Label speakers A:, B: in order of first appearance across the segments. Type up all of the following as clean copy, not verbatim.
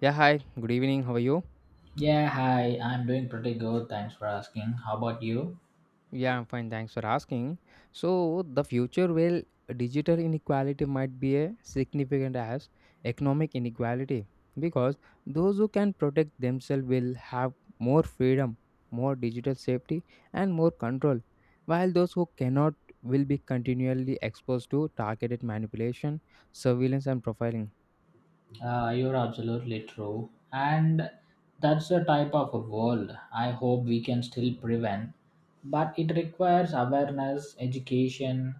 A: Yeah, hi. Good evening. How are you?
B: Yeah, hi. I'm doing pretty good. Thanks for asking. How about you?
A: Yeah, I'm fine. Thanks for asking. So, the future well, digital inequality might be a significant as economic inequality because those who can protect themselves will have more freedom, more digital safety, and more control, while those who cannot will be continually exposed to targeted manipulation, surveillance, and profiling.
B: You're absolutely true. And that's the type of a world I hope we can still prevent. But it requires awareness, education,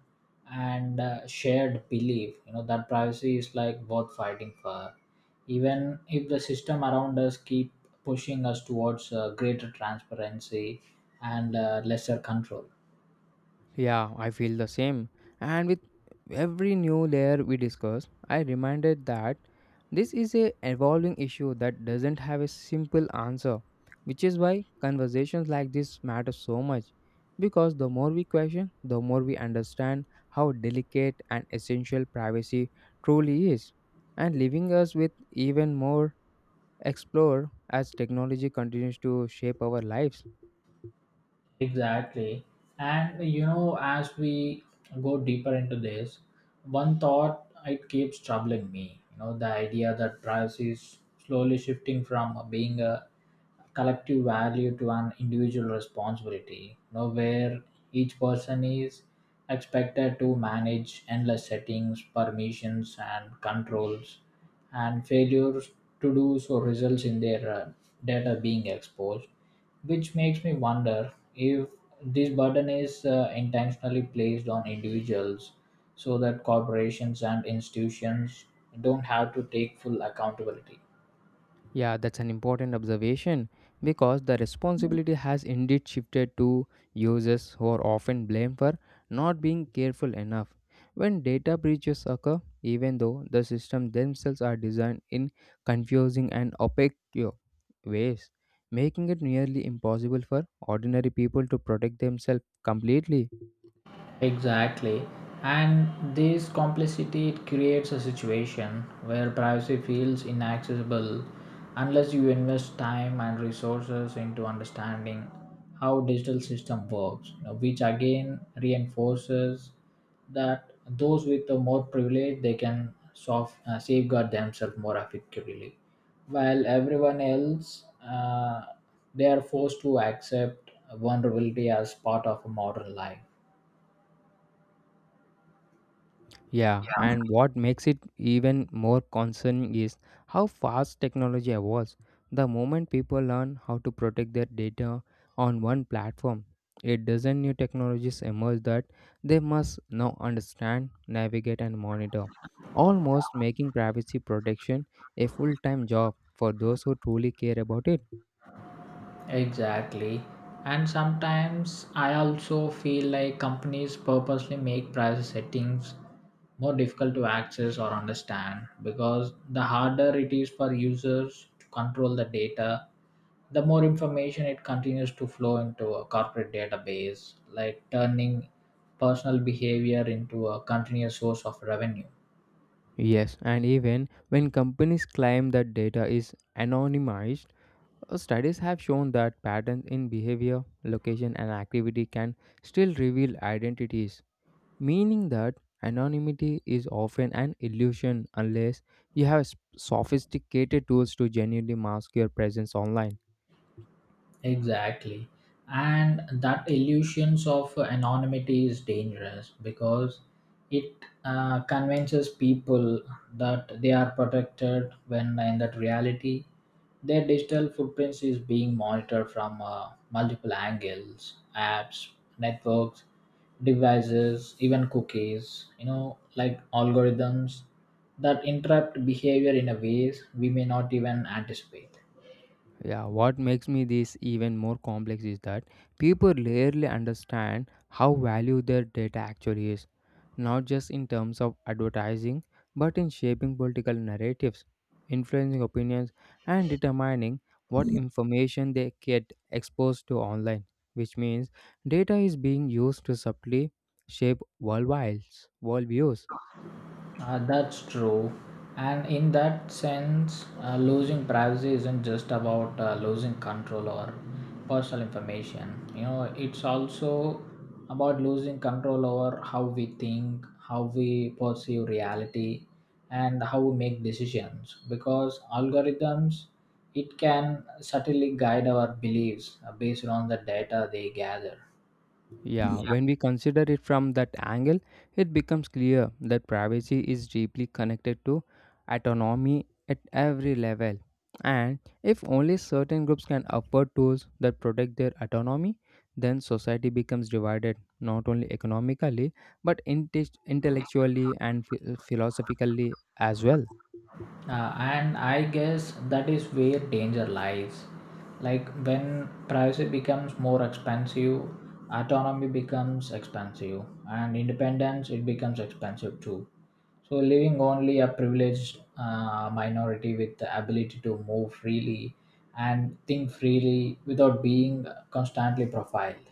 B: and shared belief. You know, that privacy is like worth fighting for. Even if the system around us keep pushing us towards greater transparency and lesser control.
A: Yeah, I feel the same. And with every new layer we discuss, I reminded that this is a evolving issue that doesn't have a simple answer, which is why conversations like this matter so much. Because the more we question, the more we understand how delicate and essential privacy truly is, and leaving us with even more explore as technology continues to shape our lives.
B: Exactly. And you know, as we go deeper into this, one thought it keeps troubling me. You know, the idea that price is slowly shifting from being a collective value to an individual responsibility. You know, where each person is expected to manage endless settings, permissions, and controls, and failures to do so results in their data being exposed, which makes me wonder if this burden is intentionally placed on individuals so that corporations and institutions don't have to take full accountability.
A: Yeah, that's an important observation because the responsibility has indeed shifted to users who are often blamed for not being careful enough. When data breaches occur, even though the systems themselves are designed in confusing and opaque ways, making it nearly impossible for ordinary people to protect themselves completely.
B: Exactly. And this complexity it creates a situation where privacy feels inaccessible unless you invest time and resources into understanding how digital system works, you know, which again reinforces that those with the more privilege they can safeguard themselves more effectively, while everyone else they are forced to accept vulnerability as part of a modern life.
A: Yeah, and what makes it even more concerning is how fast technology evolves. The moment people learn how to protect their data on one platform, it doesn't new technologies emerge that they must now understand, navigate, and monitor, almost making privacy protection a full time job for those who truly care about it.
B: Exactly. And sometimes I also feel like companies purposely make price settings more difficult to access or understand because the harder it is for users to control the data, the more information it continues to flow into a corporate database, like turning personal behavior into a continuous source of revenue.
A: Yes, and even when companies claim that data is anonymized, studies have shown that patterns in behavior, location, and activity can still reveal identities, meaning that anonymity is often an illusion unless you have sophisticated tools to genuinely mask your presence online.
B: Exactly. And that illusions of anonymity is dangerous because it convinces people that they are protected when in that reality their digital footprints is being monitored from multiple angles, apps, networks, devices, even cookies, you know, like algorithms that interrupt behavior in a ways we may not even anticipate.
A: Yeah, what makes me this even more complex is that people rarely understand how valuable their data actually is, not just in terms of advertising, but in shaping political narratives, influencing opinions, and determining what information they get exposed to online, which means data is being used to subtly shape worldwide worldviews.
B: That's true. And in that sense, losing privacy isn't just about losing control or personal information. You know, it's also about losing control over how we think, how we perceive reality, and how we make decisions. Because algorithms, it can subtly guide our beliefs based on the data they gather.
A: Yeah, when we consider it from that angle, it becomes clear that privacy is deeply connected to autonomy at every level. And if only certain groups can afford tools that protect their autonomy, then society becomes divided not only economically but intellectually and philosophically as well.
B: And I guess that is where danger lies. Like when privacy becomes more expensive, autonomy becomes expensive, and independence it becomes expensive too. So leaving only a privileged minority with the ability to move freely and think freely without being constantly profiled.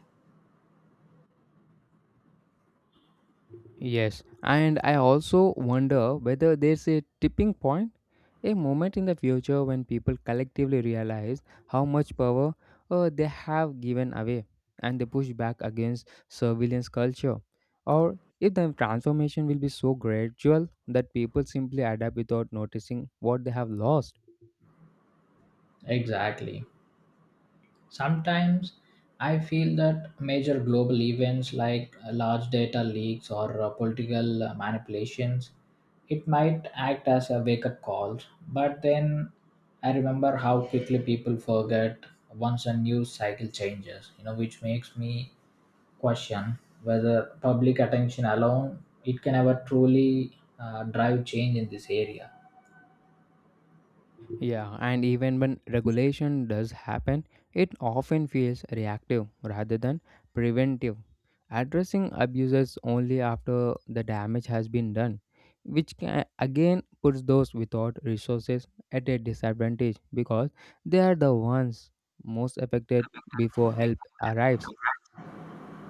A: Yes, and I also wonder whether there's a tipping point, a moment in the future when people collectively realize how much power they have given away and they push back against surveillance culture, or if the transformation will be so gradual that people simply adapt without noticing what they have lost.
B: Exactly. Sometimes I feel that major global events like large data leaks or political manipulations, it might act as a wake-up call. But then I remember how quickly people forget once a news cycle changes. You know, which makes me question whether public attention alone it can ever truly drive change in this area.
A: Yeah, and even when regulation does happen, it often feels reactive rather than preventive, addressing abuses only after the damage has been done, which can, again puts those without resources at a disadvantage because they are the ones most affected before help arrives.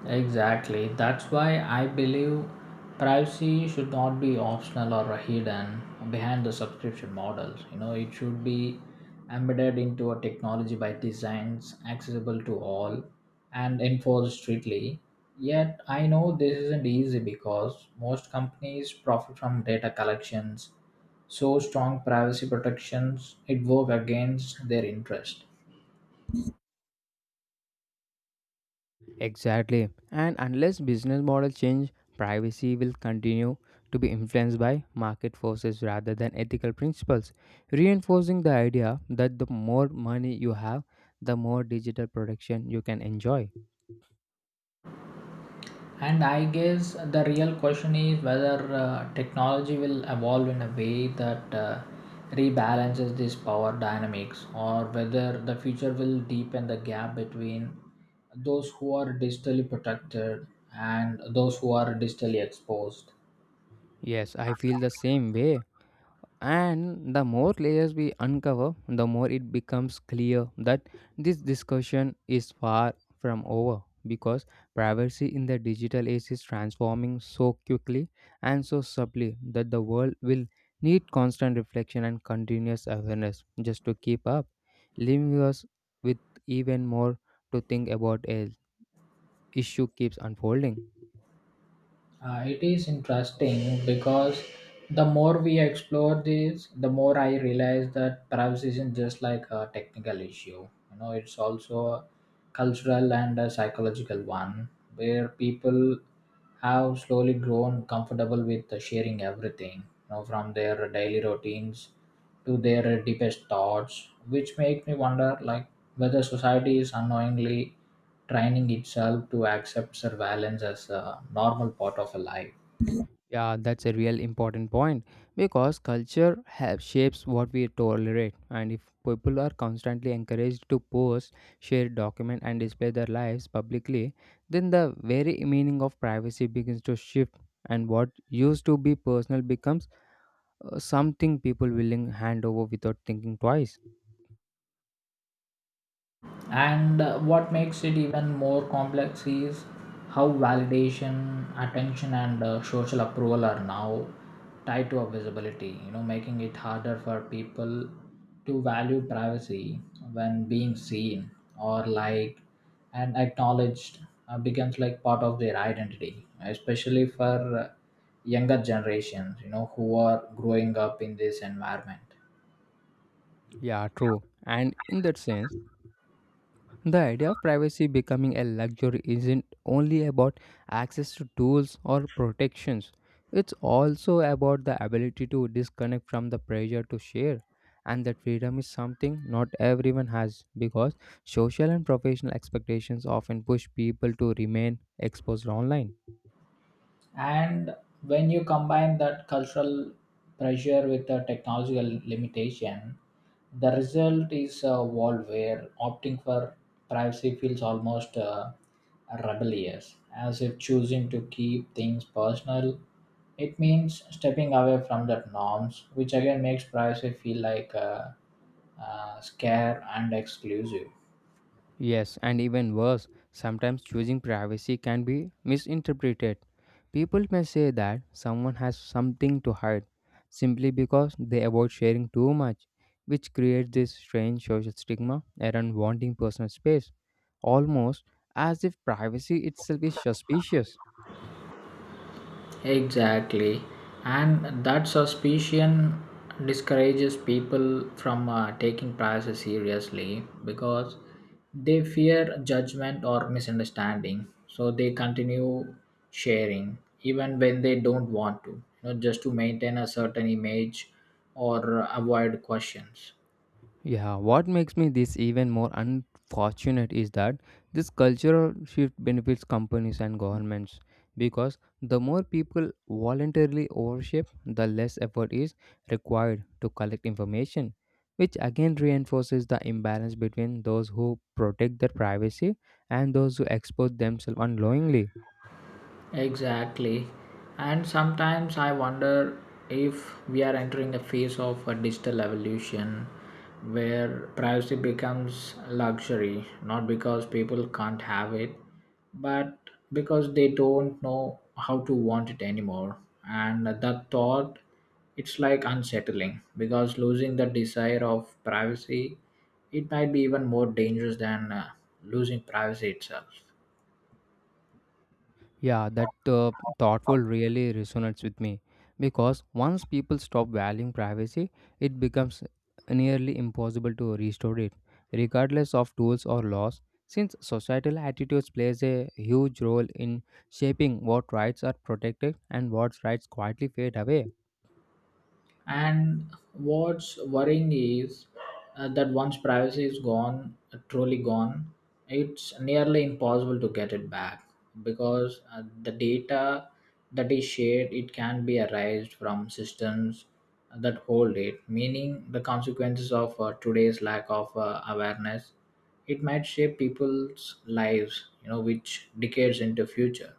B: Exactly. That's why I believe privacy should not be optional or hidden behind the subscription models. You know, it should be embedded into a technology by designs accessible to all and enforced strictly. Yet I know this isn't easy because most companies profit from data collections, so strong privacy protections it work against their interest.
A: Exactly. And unless business models change, privacy will continue to be influenced by market forces rather than ethical principles, reinforcing the idea that the more money you have, the more digital protection you can enjoy.
B: And I guess the real question is whether technology will evolve in a way that rebalances these power dynamics or whether the future will deepen the gap between those who are digitally protected and those who are digitally exposed.
A: Yes, I feel the same way. And the more layers we uncover, the more it becomes clear that this discussion is far from over because privacy in the digital age is transforming so quickly and so subtly that the world will need constant reflection and continuous awareness just to keep up, leaving us with even more to think about as issue keeps unfolding.
B: It is interesting because the more we explore this, the more I realize that perhaps isn't just like a technical issue. You know, it's also a cultural and a psychological one where people have slowly grown comfortable with sharing everything, you know, from their daily routines to their deepest thoughts, which make me wonder like whether society is unknowingly training itself to accept surveillance as a normal part of a life.
A: Yeah, that's a real important point because culture have shapes what we tolerate, and if people are constantly encouraged to post, share, document, and display their lives publicly, then the very meaning of privacy begins to shift, and what used to be personal becomes something people willing hand over without thinking twice.
B: And what makes it even more complex is how validation, attention, and social approval are now tied to our visibility, you know, making it harder for people to value privacy when being seen or like and acknowledged becomes like part of their identity, especially for younger generations, you know, who are growing up in this environment.
A: Yeah, true. And in that sense, the idea of privacy becoming a luxury isn't only about access to tools or protections, it's also about the ability to disconnect from the pressure to share. And that freedom is something not everyone has because social and professional expectations often push people to remain exposed online.
B: And when you combine that cultural pressure with the technological limitation, the result is a world where opting for privacy feels almost rebellious, as if choosing to keep things personal it means stepping away from that norms, which again makes privacy feel like scare and exclusive.
A: Yes, and even worse, sometimes choosing privacy can be misinterpreted. People may say that someone has something to hide simply because they avoid sharing too much, which creates this strange social stigma around wanting personal space, almost as if privacy itself is suspicious.
B: Exactly. And that suspicion discourages people from taking privacy seriously because they fear judgment or misunderstanding. So they continue sharing even when they don't want to, you know, just to maintain a certain image or avoid questions.
A: Yeah, what makes me this even more unfortunate is that this cultural shift benefits companies and governments because the more people voluntarily overship, the less effort is required to collect information, which again reinforces the imbalance between those who protect their privacy and those who expose themselves unknowingly.
B: Exactly. And sometimes I wonder if we are entering a phase of a digital evolution where privacy becomes luxury, not because people can't have it, but because they don't know how to want it anymore. And that thought, it's like unsettling because losing the desire of privacy, it might be even more dangerous than losing privacy itself.
A: Yeah, that thoughtful really resonates with me because once people stop valuing privacy, it becomes nearly impossible to restore it, regardless of tools or laws. Since societal attitudes plays a huge role in shaping what rights are protected and what rights quietly fade away.
B: And what's worrying is that once privacy is gone, truly gone, it's nearly impossible to get it back because the data that is shared it can be erased from systems that hold it, meaning the consequences of today's lack of awareness it might shape people's lives, you know, which decades into future.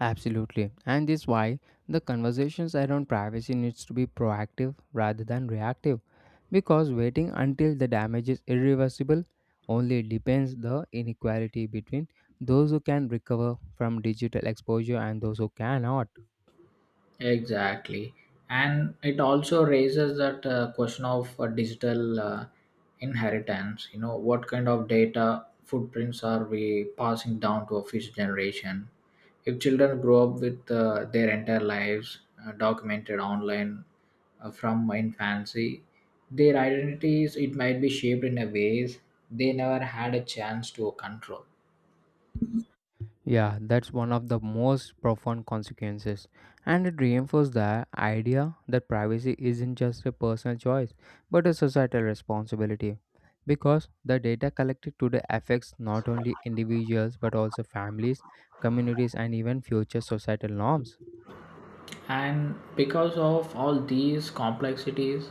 A: Absolutely. And this is why the conversations around privacy needs to be proactive rather than reactive because waiting until the damage is irreversible only deepens the inequality between those who can recover from digital exposure and those who cannot.
B: Exactly. And it also raises that question of digital inheritance. You know, what kind of data footprints are we passing down to a future generation? If children grow up with their entire lives documented online from infancy, their identities, it might be shaped in a ways they never had a chance to control.
A: Yeah, that's one of the most profound consequences. And it reinforces the idea that privacy isn't just a personal choice, but a societal responsibility. Because the data collected today affects not only individuals but also families, communities, and even future societal norms.
B: And because of all these complexities,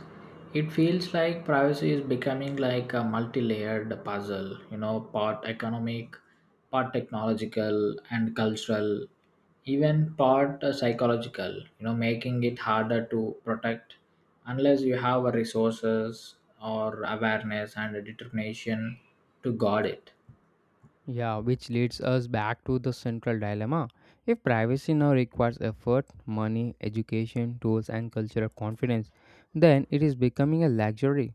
B: it feels like privacy is becoming like a multi-layered puzzle, you know, part economic, part technological and cultural, even part psychological, you know, making it harder to protect unless you have a resources or awareness and a determination to guard it.
A: Yeah, which leads us back to the central dilemma. If privacy now requires effort, money, education, tools, and cultural confidence, then it is becoming a luxury.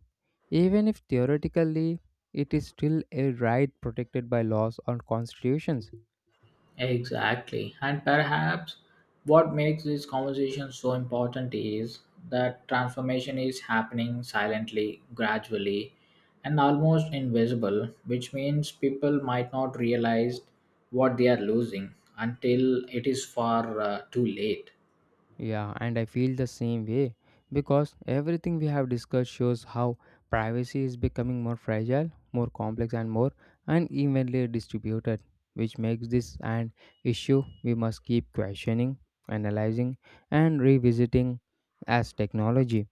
A: Even if theoretically it is still a right protected by laws or constitutions.
B: Exactly. And perhaps what makes this conversation so important is that transformation is happening silently, gradually, and almost invisible, which means people might not realize what they are losing until it is far too late.
A: Yeah, and I feel the same way because everything we have discussed shows how privacy is becoming more fragile, more complex, and more unevenly distributed, which makes this an issue we must keep questioning, analyzing, and revisiting as technology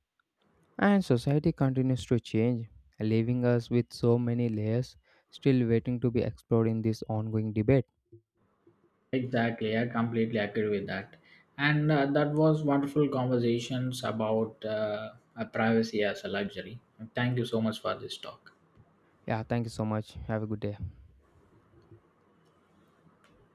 A: and society continues to change, leaving us with so many layers still waiting to be explored in this ongoing debate.
B: Exactly, I completely agree with that. And that was wonderful conversations about privacy as a luxury. Thank you so much for this talk.
A: Yeah, thank you so much. Have a good day.